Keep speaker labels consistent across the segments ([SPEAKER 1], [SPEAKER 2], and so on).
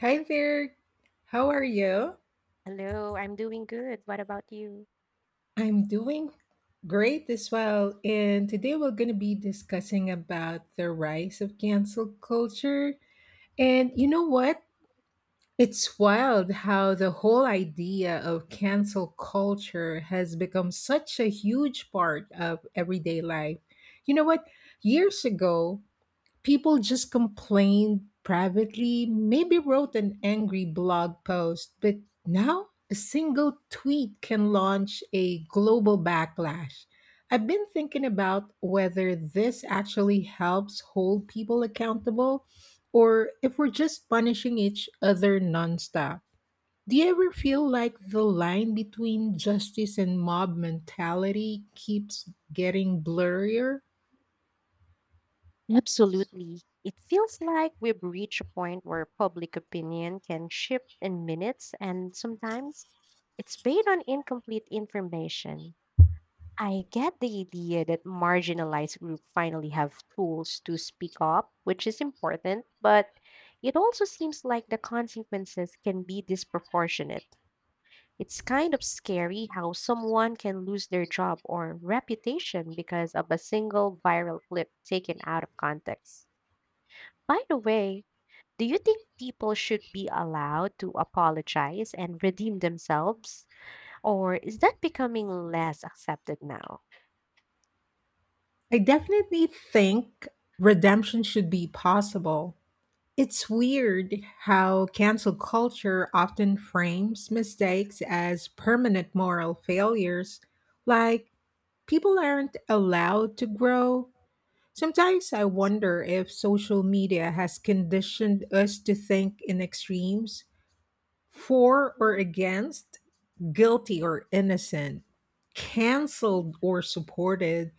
[SPEAKER 1] Hi there. How are you?
[SPEAKER 2] Hello, I'm doing good. What about you?
[SPEAKER 1] I'm doing great as well. And today we're going to be discussing about the rise of cancel culture. And you know what? It's wild how the whole idea of cancel culture has become such a huge part of everyday life. You know what? Years ago, people just complained privately, maybe wrote an angry blog post, but now a single tweet can launch a global backlash. I've been thinking about whether this actually helps hold people accountable or if we're just punishing each other nonstop. Do you ever feel like the line between justice and mob mentality keeps getting blurrier?
[SPEAKER 2] Absolutely. It feels like we've reached a point where public opinion can shift in minutes, and sometimes it's based on incomplete information. I get the idea that marginalized groups finally have tools to speak up, which is important, but it also seems like the consequences can be disproportionate. It's kind of scary how someone can lose their job or reputation because of a single viral clip taken out of context. By the way, do you think people should be allowed to apologize and redeem themselves? Or is that becoming less accepted now?
[SPEAKER 1] I definitely think redemption should be possible. It's weird how cancel culture often frames mistakes as permanent moral failures, like people aren't allowed to grow. Sometimes I wonder if social media has conditioned us to think in extremes, for or against, guilty or innocent, canceled or supported.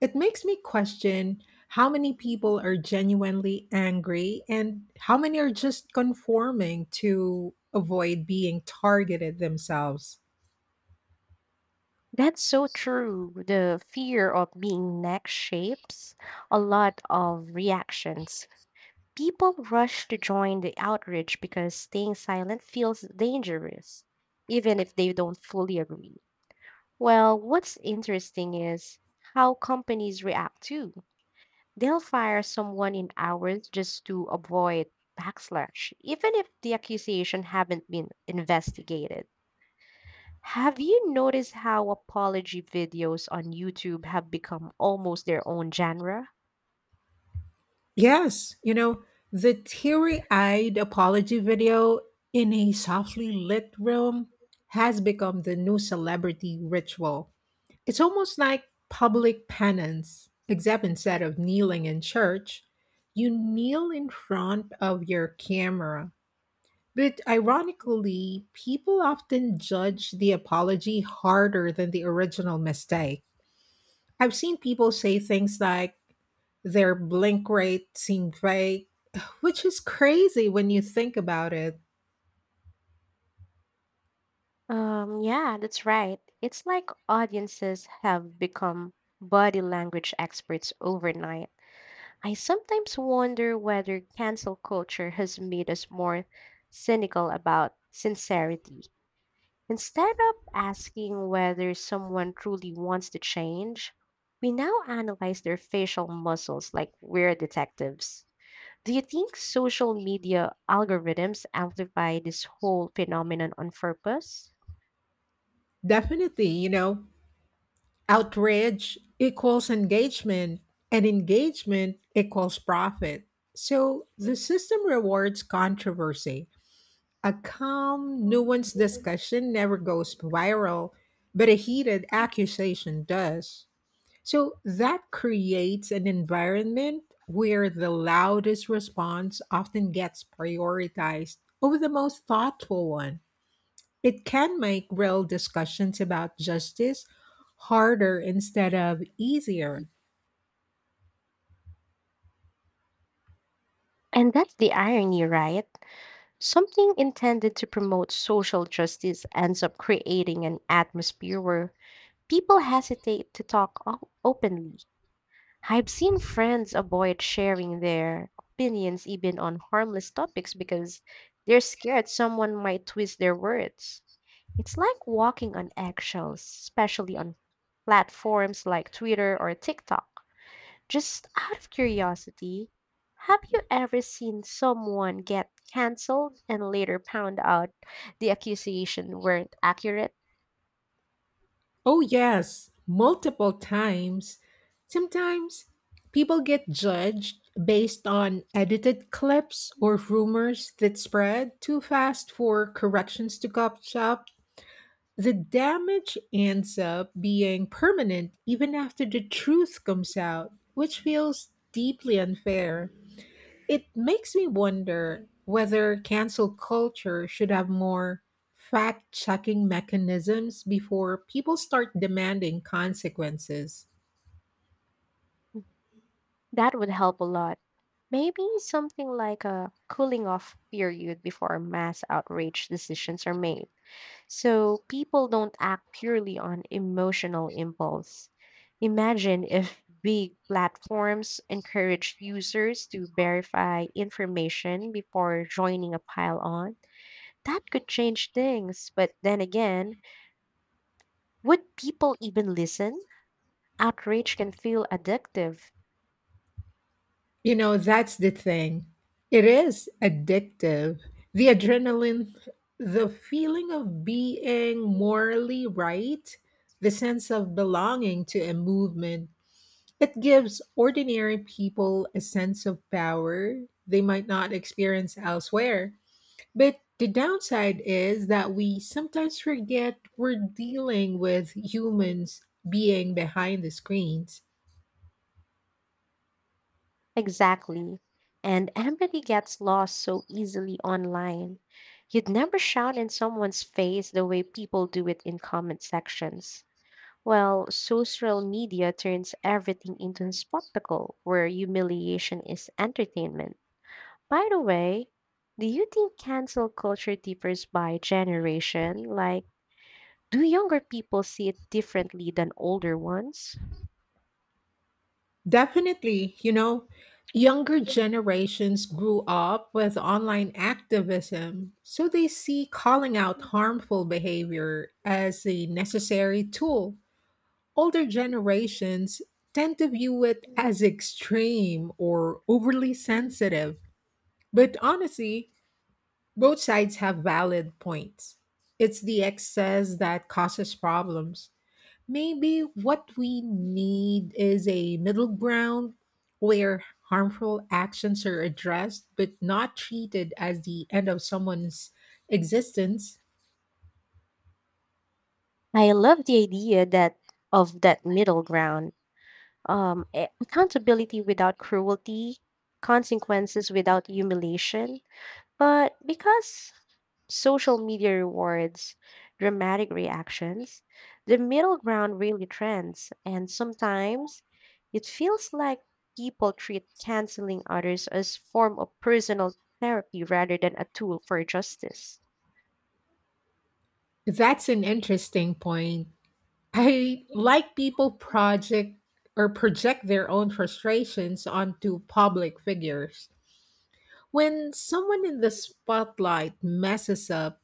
[SPEAKER 1] It makes me question how many people are genuinely angry and how many are just conforming to avoid being targeted themselves.
[SPEAKER 2] That's so true. The fear of being next shapes a lot of reactions. People rush to join the outreach because staying silent feels dangerous, even if they don't fully agree. Well, what's interesting is how companies react too. They'll fire someone in hours just to avoid backslash, even if the accusation haven't been investigated. Have you noticed how apology videos on YouTube have become almost their own genre?
[SPEAKER 1] Yes, you know, the teary eyed apology video in a softly lit room has become the new celebrity ritual. It's almost like public penance, except instead of kneeling in church, you kneel in front of your camera. But ironically, people often judge the apology harder than the original mistake. I've seen people say things like their blink rate seemed fake, which is crazy when you think about it.
[SPEAKER 2] Yeah, that's right. It's like audiences have become body language experts overnight. I sometimes wonder whether cancel culture has made us more cynical about sincerity. Instead of asking whether someone truly wants to change, we now analyze their facial muscles like we're detectives. Do you think social media algorithms amplify this whole phenomenon on purpose?
[SPEAKER 1] Definitely, you know, outrage equals engagement, and engagement equals profit. So the system rewards controversy. A calm, nuanced discussion never goes viral, but a heated accusation does. So that creates an environment where the loudest response often gets prioritized over the most thoughtful one. It can make real discussions about justice harder instead of easier.
[SPEAKER 2] And that's the irony, right? Something intended to promote social justice ends up creating an atmosphere where people hesitate to talk openly. I've seen friends avoid sharing their opinions even on harmless topics because they're scared someone might twist their words. It's like walking on eggshells, especially on platforms like Twitter or TikTok. Just out of curiosity, have you ever seen someone get canceled and later found out the accusation weren't accurate?
[SPEAKER 1] Oh, yes, multiple times. Sometimes people get judged based on edited clips or rumors that spread too fast for corrections to catch up. The damage ends up being permanent even after the truth comes out, which feels deeply unfair. It makes me wonder whether cancel culture should have more fact checking mechanisms before people start demanding consequences.
[SPEAKER 2] That would help a lot. Maybe something like a cooling off period before mass outrage decisions are made, so people don't act purely on emotional impulse. Imagine if big platforms encouraged users to verify information before joining a pile on. That could change things, but then again, would people even listen? Outrage can feel addictive.
[SPEAKER 1] You know, that's the thing. It is addictive. The adrenaline, the feeling of being morally right, the sense of belonging to a movement. It gives ordinary people a sense of power they might not experience elsewhere. But the downside is that we sometimes forget we're dealing with humans being behind the screens.
[SPEAKER 2] Exactly. And empathy gets lost so easily online. You'd never shout in someone's face the way people do it in comment sections. Well, social media turns everything into a spectacle where humiliation is entertainment. By the way, do you think cancel culture differs by generation? Like, do younger people see it differently than older ones?
[SPEAKER 1] Definitely, you know, younger generations grew up with online activism, so they see calling out harmful behavior as a necessary tool. Older generations tend to view it as extreme or overly sensitive. But honestly, both sides have valid points. It's the excess that causes problems. Maybe what we need is a middle ground where harmful actions are addressed but not treated as the end of someone's existence.
[SPEAKER 2] I love the idea that of that middle ground. Accountability without cruelty, consequences without humiliation. But because social media rewards dramatic reactions, the middle ground really trends, and sometimes it feels like people treat canceling others as form of personal therapy rather than a tool for justice.
[SPEAKER 1] That's an interesting point. I like people project or project their own frustrations onto public figures. When someone in the spotlight messes up,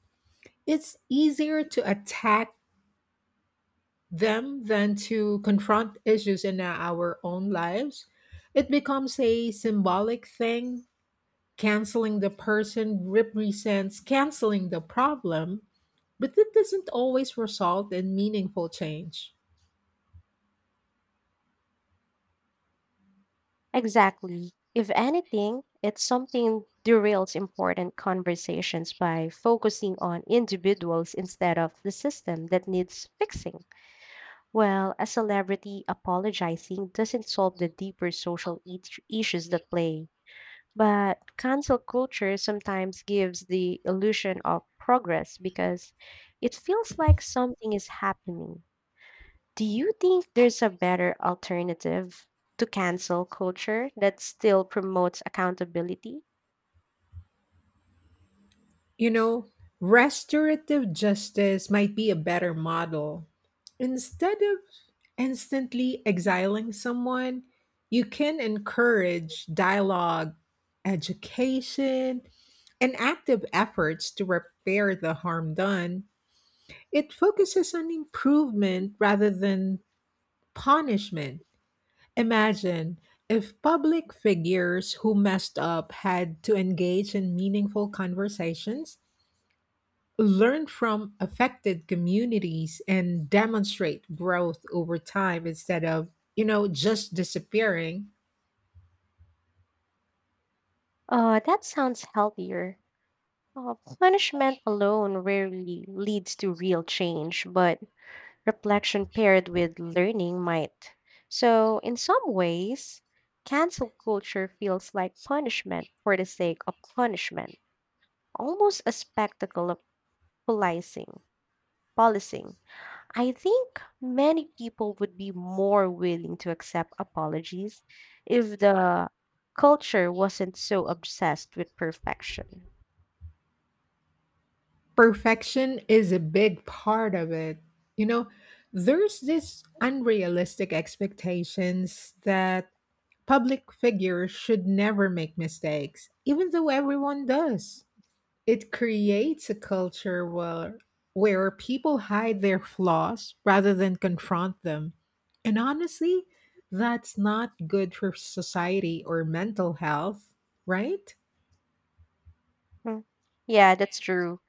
[SPEAKER 1] it's easier to attack them than to confront issues in our own lives. It becomes a symbolic thing. Canceling the person represents canceling the problem, but it doesn't always result in meaningful change.
[SPEAKER 2] Exactly. If anything, it's something derails important conversations by focusing on individuals instead of the system that needs fixing. Well, a celebrity apologizing doesn't solve the deeper social issues that play. But cancel culture sometimes gives the illusion of progress because it feels like something is happening. Do you think there's a better alternative to cancel culture that still promotes accountability?
[SPEAKER 1] You know, restorative justice might be a better model. Instead of instantly exiling someone, you can encourage dialogue, education, and active efforts to repair the harm done. It focuses on improvement rather than punishment. Imagine if public figures who messed up had to engage in meaningful conversations, learn from affected communities and demonstrate growth over time instead of, you know, just disappearing.
[SPEAKER 2] Oh, that sounds healthier. Uh, Punishment alone rarely leads to real change, but reflection paired with learning might. So, in some ways, cancel culture feels like punishment for the sake of punishment, almost a spectacle of policing. Policing. I think many people would be more willing to accept apologies if the culture wasn't so obsessed with perfection.
[SPEAKER 1] Perfection is a big part of it. You know, there's this unrealistic expectations that public figures should never make mistakes, even though everyone does. It creates a culture where people hide their flaws rather than confront them. And honestly, that's not good for society or mental health, right?
[SPEAKER 2] Hmm. Yeah, that's true.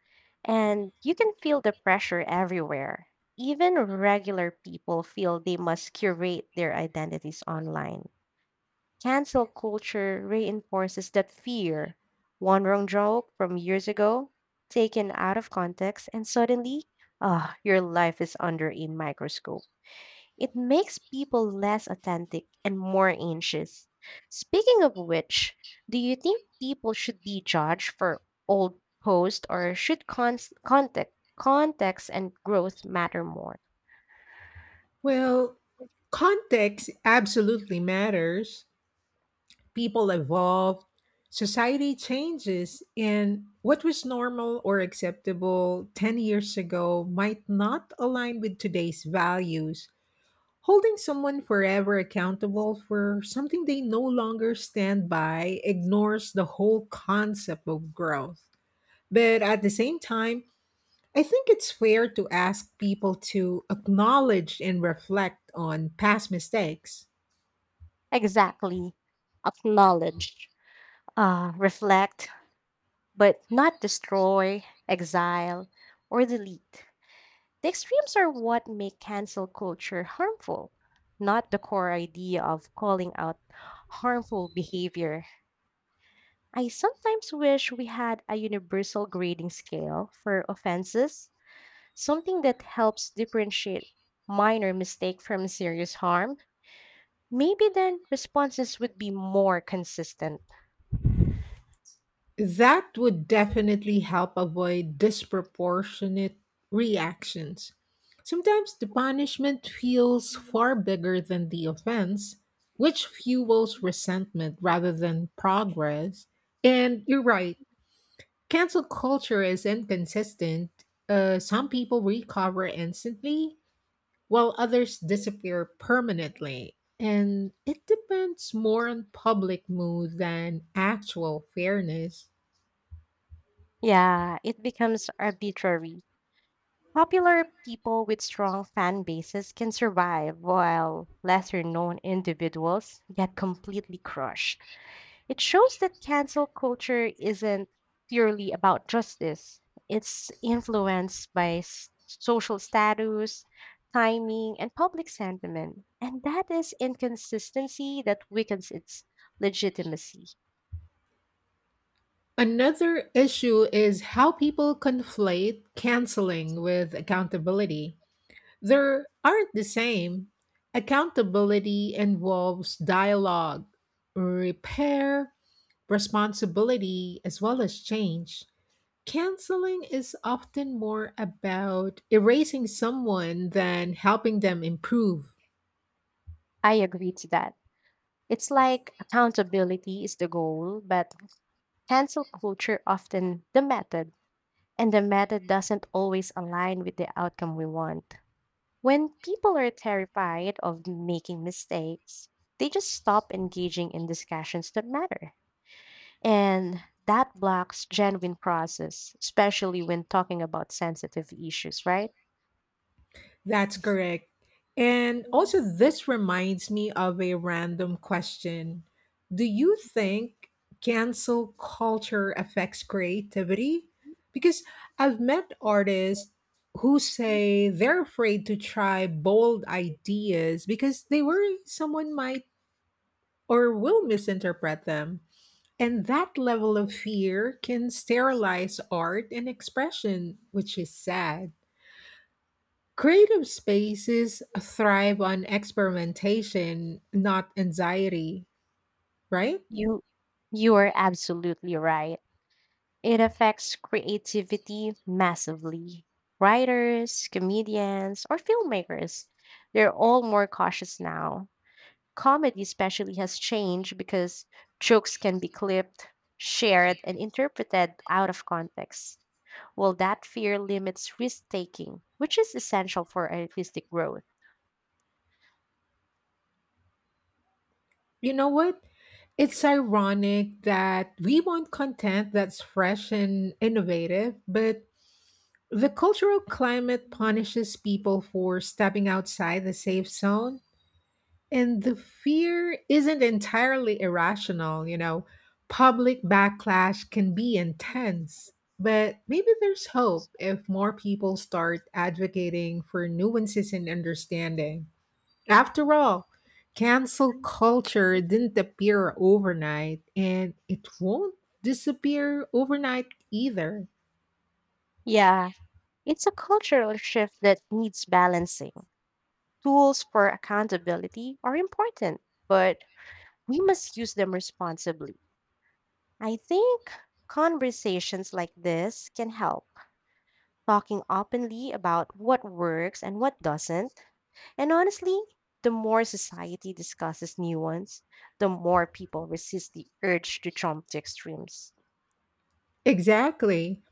[SPEAKER 2] And you can feel the pressure everywhere. Even regular people feel they must curate their identities online. Cancel culture reinforces that fear. One wrong joke from years ago, taken out of context, and suddenly, your life is under a microscope. It makes people less authentic and more anxious. Speaking of which, do you think people should be judged for old posts or should context and growth matter more?
[SPEAKER 1] Well, context absolutely matters. People evolve, society changes, and what was normal or acceptable 10 years ago might not align with today's values. Holding someone forever accountable for something they no longer stand by ignores the whole concept of growth. But at the same time, I think it's fair to ask people to acknowledge and reflect on past mistakes.
[SPEAKER 2] Exactly. Acknowledge, reflect, but not destroy, exile, or delete. The extremes are what make cancel culture harmful, not the core idea of calling out harmful behavior. I sometimes wish we had a universal grading scale for offenses, something that helps differentiate minor mistake from serious harm. Maybe then responses would be more consistent.
[SPEAKER 1] That would definitely help avoid disproportionate reactions. Sometimes the punishment feels far bigger than the offense, which fuels resentment rather than progress. And you're right, cancel culture is inconsistent. Some people recover instantly, while others disappear permanently. And it depends more on public mood than actual fairness.
[SPEAKER 2] Yeah, it becomes arbitrary. Popular people with strong fan bases can survive while lesser known individuals get completely crushed. It shows that cancel culture isn't purely about justice, it's influenced by social status, timing, and public sentiment. And that is inconsistency that weakens its legitimacy.
[SPEAKER 1] Another issue is how people conflate canceling with accountability. They aren't the same. Accountability involves dialogue, repair, responsibility, as well as change. Canceling is often more about erasing someone than helping them improve.
[SPEAKER 2] I agree to that. It's like accountability is the goal, but cancel culture often the method, and the method doesn't always align with the outcome we want. When people are terrified of making mistakes, they just stop engaging in discussions that matter. And that blocks genuine process, especially when talking about sensitive issues, right?
[SPEAKER 1] That's correct. And also, this reminds me of a random question. Do you think cancel culture affects creativity? Because I've met artists who say they're afraid to try bold ideas because they worry someone might or will misinterpret them. And that level of fear can sterilize art and expression, which is sad. Creative spaces thrive on experimentation, not anxiety, right?
[SPEAKER 2] You you are absolutely right. It affects creativity massively. Writers, comedians, or filmmakers, they're all more cautious now. Comedy especially has changed because jokes can be clipped, shared, and interpreted out of context. Well, that fear limits risk taking, which is essential for artistic growth.
[SPEAKER 1] You know what? It's ironic that we want content that's fresh and innovative, but the cultural climate punishes people for stepping outside the safe zone. And the fear isn't entirely irrational, you know. Public backlash can be intense, but maybe there's hope if more people start advocating for nuances and understanding. After all, cancel culture didn't appear overnight, and it won't disappear overnight either.
[SPEAKER 2] Yeah, it's a cultural shift that needs balancing. Tools for accountability are important, but we must use them responsibly. I think conversations like this can help. Talking openly about what works and what doesn't. And honestly, the more society discusses nuance, the more people resist the urge to jump to extremes.
[SPEAKER 1] Exactly.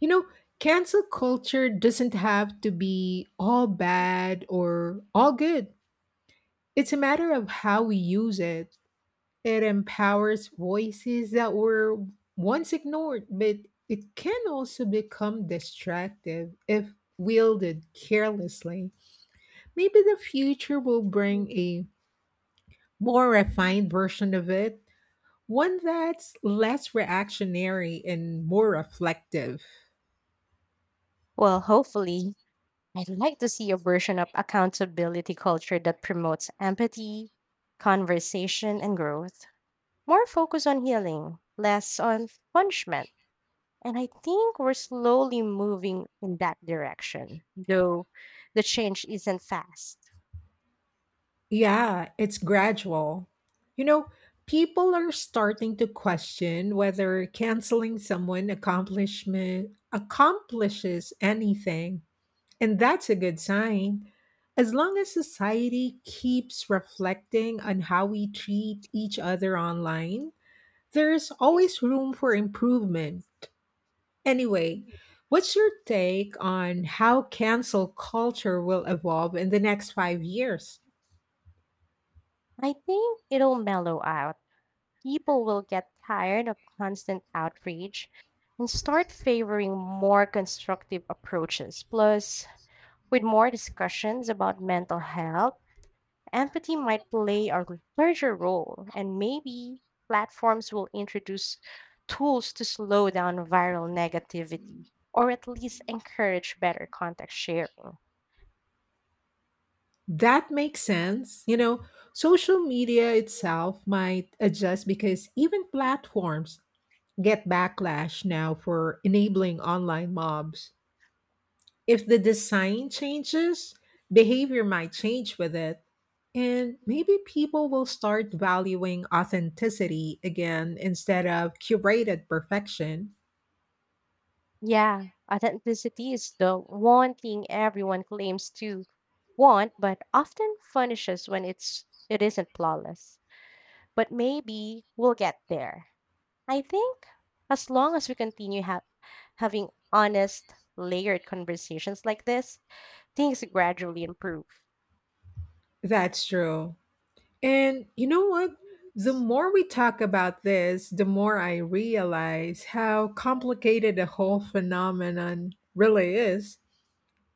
[SPEAKER 1] You know, cancel culture doesn't have to be all bad or all good. It's a matter of how we use it. It empowers voices that were once ignored, but it can also become distractive if wielded carelessly. Maybe the future will bring a more refined version of it, one that's less reactionary and more reflective.
[SPEAKER 2] Well, hopefully, I'd like to see a version of accountability culture that promotes empathy, conversation, and growth. More focus on healing, less on punishment. And I think we're slowly moving in that direction, though the change isn't fast.
[SPEAKER 1] Yeah, it's gradual. You know, people are starting to question whether canceling someone accomplishment accomplishes anything, and that's a good sign. As long as society keeps reflecting on how we treat each other online, there's always room for improvement. Anyway, what's your take on how cancel culture will evolve in the next 5 years?
[SPEAKER 2] I think it'll mellow out. People will get tired of constant outreach and start favoring more constructive approaches. Plus, with more discussions about mental health, empathy might play a larger role, and maybe platforms will introduce tools to slow down viral negativity or at least encourage better context sharing.
[SPEAKER 1] That makes sense. You know, social media itself might adjust because even platforms get backlash now for enabling online mobs. If the design changes, behavior might change with it. And maybe people will start valuing authenticity again instead of curated perfection.
[SPEAKER 2] Yeah, authenticity is the one thing everyone claims to want, but often furnishes when it isn't flawless. But maybe we'll get there. I think as long as we continue having honest, layered conversations like this, things gradually improve.
[SPEAKER 1] That's true. And you know what? The more we talk about this, the more I realize how complicated the whole phenomenon really is.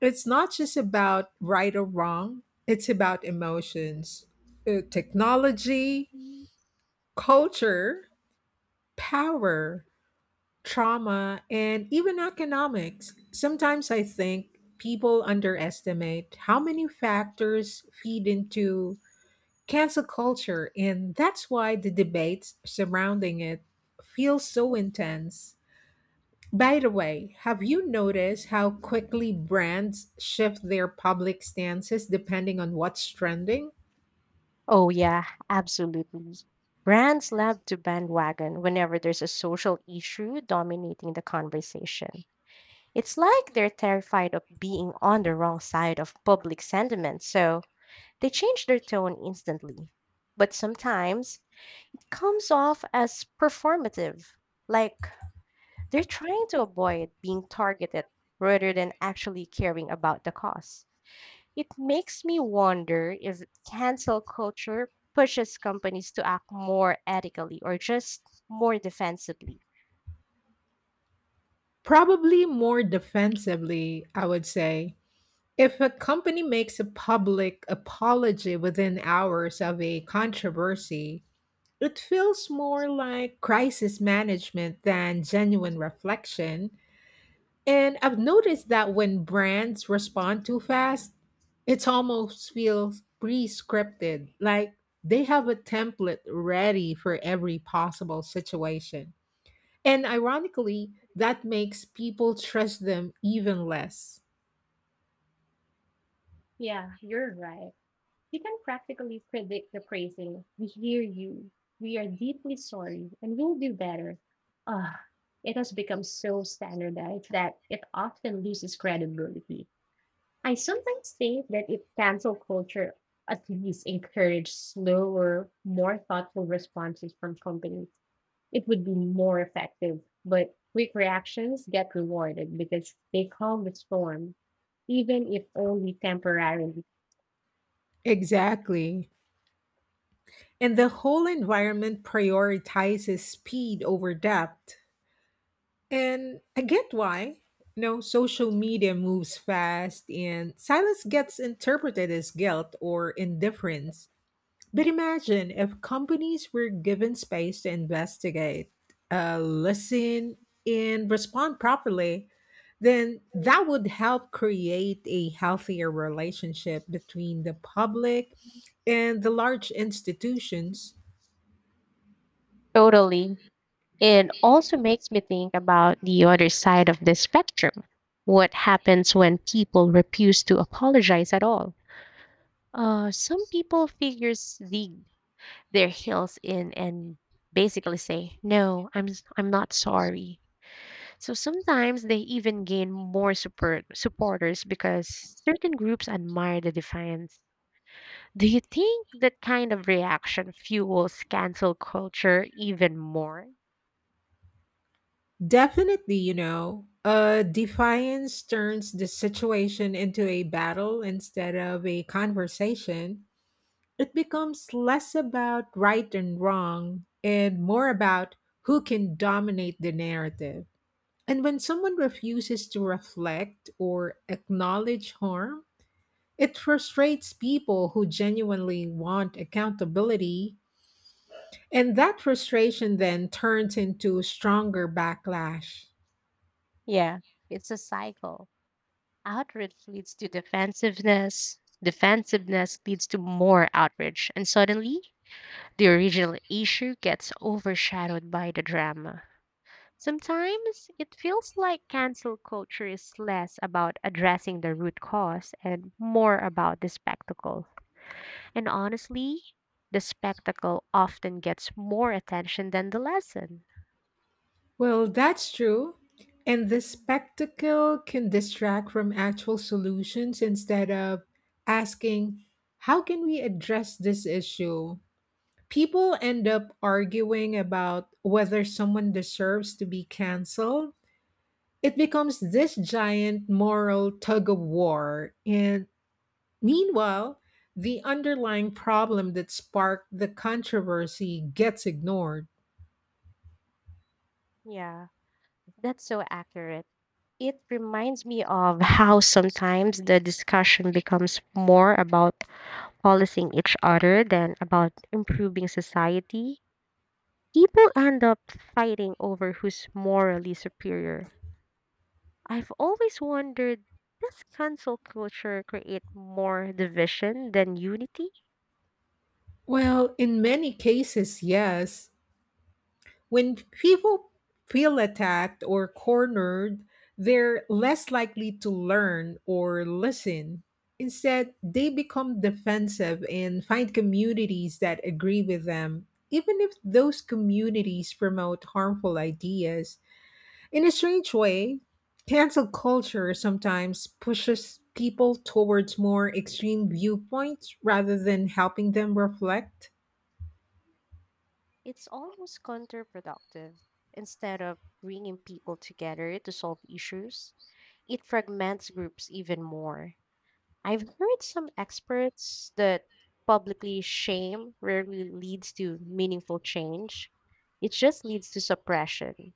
[SPEAKER 1] It's not just about right or wrong, it's about emotions, technology, culture, power, trauma, and even economics. Sometimes I think people underestimate how many factors feed into cancel culture, and that's why the debates surrounding it feel so intense. By the way, have you noticed how quickly brands shift their public stances depending on what's trending?
[SPEAKER 2] Oh yeah, absolutely. Brands love to bandwagon whenever there's a social issue dominating the conversation. It's like they're terrified of being on the wrong side of public sentiment, so they change their tone instantly. But sometimes it comes off as performative, like they're trying to avoid being targeted rather than actually caring about the cause. It makes me wonder if cancel culture pushes companies to act more ethically or just more defensively.
[SPEAKER 1] Probably more defensively, I would say. If a company makes a public apology within hours of a controversy, it feels more like crisis management than genuine reflection. And I've noticed that when brands respond too fast, it almost feels pre-scripted, like they have a template ready for every possible situation. And ironically, that makes people trust them even less.
[SPEAKER 2] Yeah, you're right. You can practically predict the phrasing, we hear you, we are deeply sorry, and we will do better. Ah, it has become so standardized that it often loses credibility. I sometimes think that if cancel culture at least encouraged slower, more thoughtful responses from companies, it would be more effective. But quick reactions get rewarded because they calm the storm, even if only temporarily.
[SPEAKER 1] Exactly. And the whole environment prioritizes speed over depth. And I get why. You know, social media moves fast and silence gets interpreted as guilt or indifference. But imagine if companies were given space to investigate, listen, and respond properly, then that would help create a healthier relationship between the public and the large institutions.
[SPEAKER 2] Totally. It also makes me think about the other side of the spectrum. What happens when people refuse to apologize at all? Some people figures dig their heels in and basically say, "No, I'm not sorry." So sometimes they even gain more support supporters because certain groups admire the defiance. Do you think that kind of reaction fuels cancel culture even more?
[SPEAKER 1] Definitely, you know, defiance turns the situation into a battle instead of a conversation. It becomes less about right and wrong and more about who can dominate the narrative. And when someone refuses to reflect or acknowledge harm, it frustrates people who genuinely want accountability. And that frustration then turns into stronger backlash.
[SPEAKER 2] Yeah, it's a cycle. Outrage leads to defensiveness. Defensiveness leads to more outrage. And suddenly, the original issue gets overshadowed by the drama. Sometimes it feels like cancel culture is less about addressing the root cause and more about the spectacle. And honestly, the spectacle often gets more attention than the lesson.
[SPEAKER 1] Well, that's true. And the spectacle can distract from actual solutions. Instead of asking, how can we address this issue? People end up arguing about whether someone deserves to be canceled. It becomes this giant moral tug of war. And meanwhile, the underlying problem that sparked the controversy gets ignored.
[SPEAKER 2] Yeah. That's so accurate. It reminds me of how sometimes the discussion becomes more about policing each other than about improving society. People end up fighting over who's morally superior. I've always wondered, does cancel culture create more division than unity?
[SPEAKER 1] Well, in many cases, yes. When people feel attacked or cornered, they're less likely to learn or listen. Instead, they become defensive and find communities that agree with them, even if those communities promote harmful ideas. In a strange way, cancel culture sometimes pushes people towards more extreme viewpoints rather than helping them reflect.
[SPEAKER 2] It's almost counterproductive. Instead of bringing people together to solve issues, it fragments groups even more. I've heard some experts that publicly shame rarely leads to meaningful change. It just leads to suppression.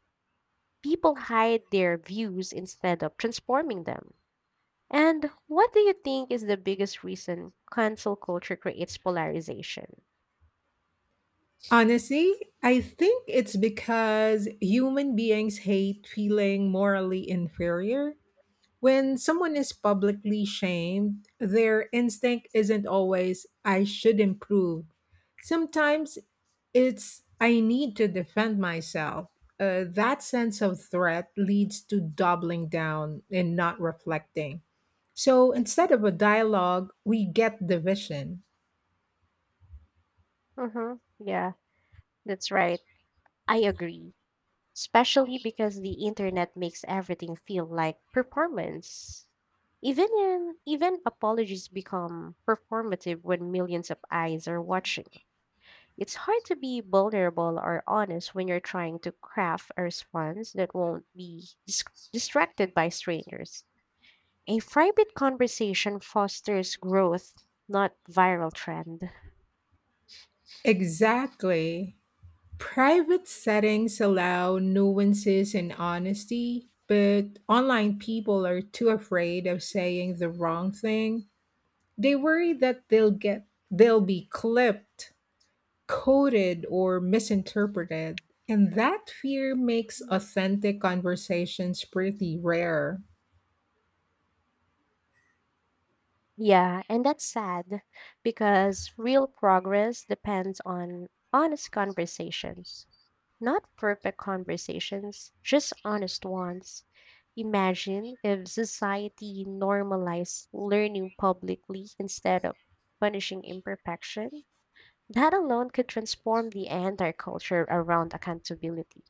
[SPEAKER 2] People hide their views instead of transforming them. And what do you think is the biggest reason cancel culture creates polarization?
[SPEAKER 1] Honestly, I think it's because human beings hate feeling morally inferior. When someone is publicly shamed, their instinct isn't always, I should improve. Sometimes it's, I need to defend myself. That sense of threat leads to doubling down and not reflecting. So instead of a dialogue, we get division.
[SPEAKER 2] Mm-hmm. Yeah, that's right. I agree. Especially because the internet makes everything feel like performance. Even apologies become performative when millions of eyes are watching. It's hard to be vulnerable or honest when you're trying to craft a response that won't be distracted by strangers. A private conversation fosters growth, not viral trend.
[SPEAKER 1] Exactly. Private settings allow nuances and honesty, but online people are too afraid of saying the wrong thing. They worry that they'll be clipped, coded, or misinterpreted. And that fear makes authentic conversations pretty rare.
[SPEAKER 2] Yeah, and that's sad because real progress depends on honest conversations. Not perfect conversations, just honest ones. Imagine if society normalized learning publicly instead of punishing imperfection. That alone could transform the entire culture around accountability.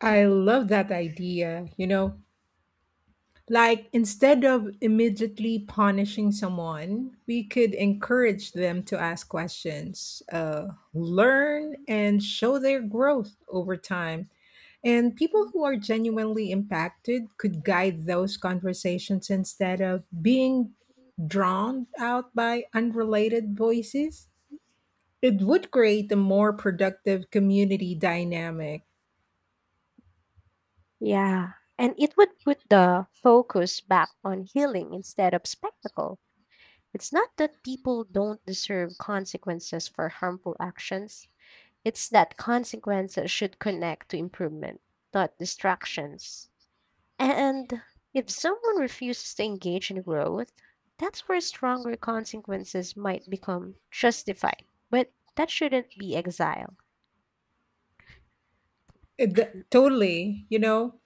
[SPEAKER 1] I love that idea, you know. Like, instead of immediately punishing someone, we could encourage them to ask questions, learn, and show their growth over time. And people who are genuinely impacted could guide those conversations instead of being drowned out by unrelated voices. It would create a more productive community dynamic.
[SPEAKER 2] Yeah. And it would put the focus back on healing instead of spectacle. It's not that people don't deserve consequences for harmful actions, it's that consequences should connect to improvement, not distractions. And if someone refuses to engage in growth, that's where stronger consequences might become justified. But that shouldn't be exile.
[SPEAKER 1] Totally. You know,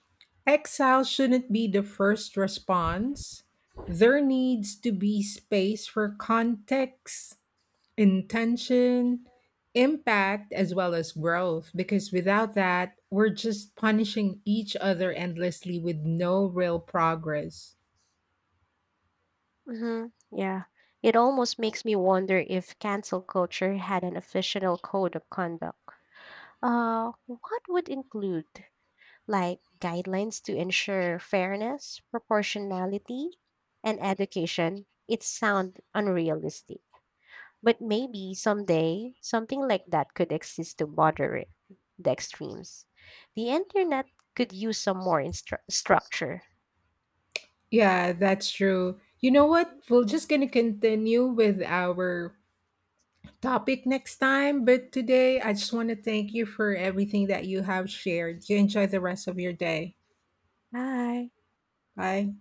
[SPEAKER 1] exile shouldn't be the first response. There needs to be space for context, intention, impact, as well as growth, because without that, we're just punishing each other endlessly with no real progress.
[SPEAKER 2] Hmm. Yeah. It almost makes me wonder if cancel culture had an official code of conduct. What would include like guidelines to ensure fairness, proportionality, and education, it sound unrealistic. But maybe someday something like that could exist to moderate the extremes. The internet could use some more structure.
[SPEAKER 1] Yeah, that's true. You know what? We're just going to continue with our topic next time. But today, I just want to thank you for everything that you have shared. You enjoy the rest of your day.
[SPEAKER 2] Bye.
[SPEAKER 1] Bye.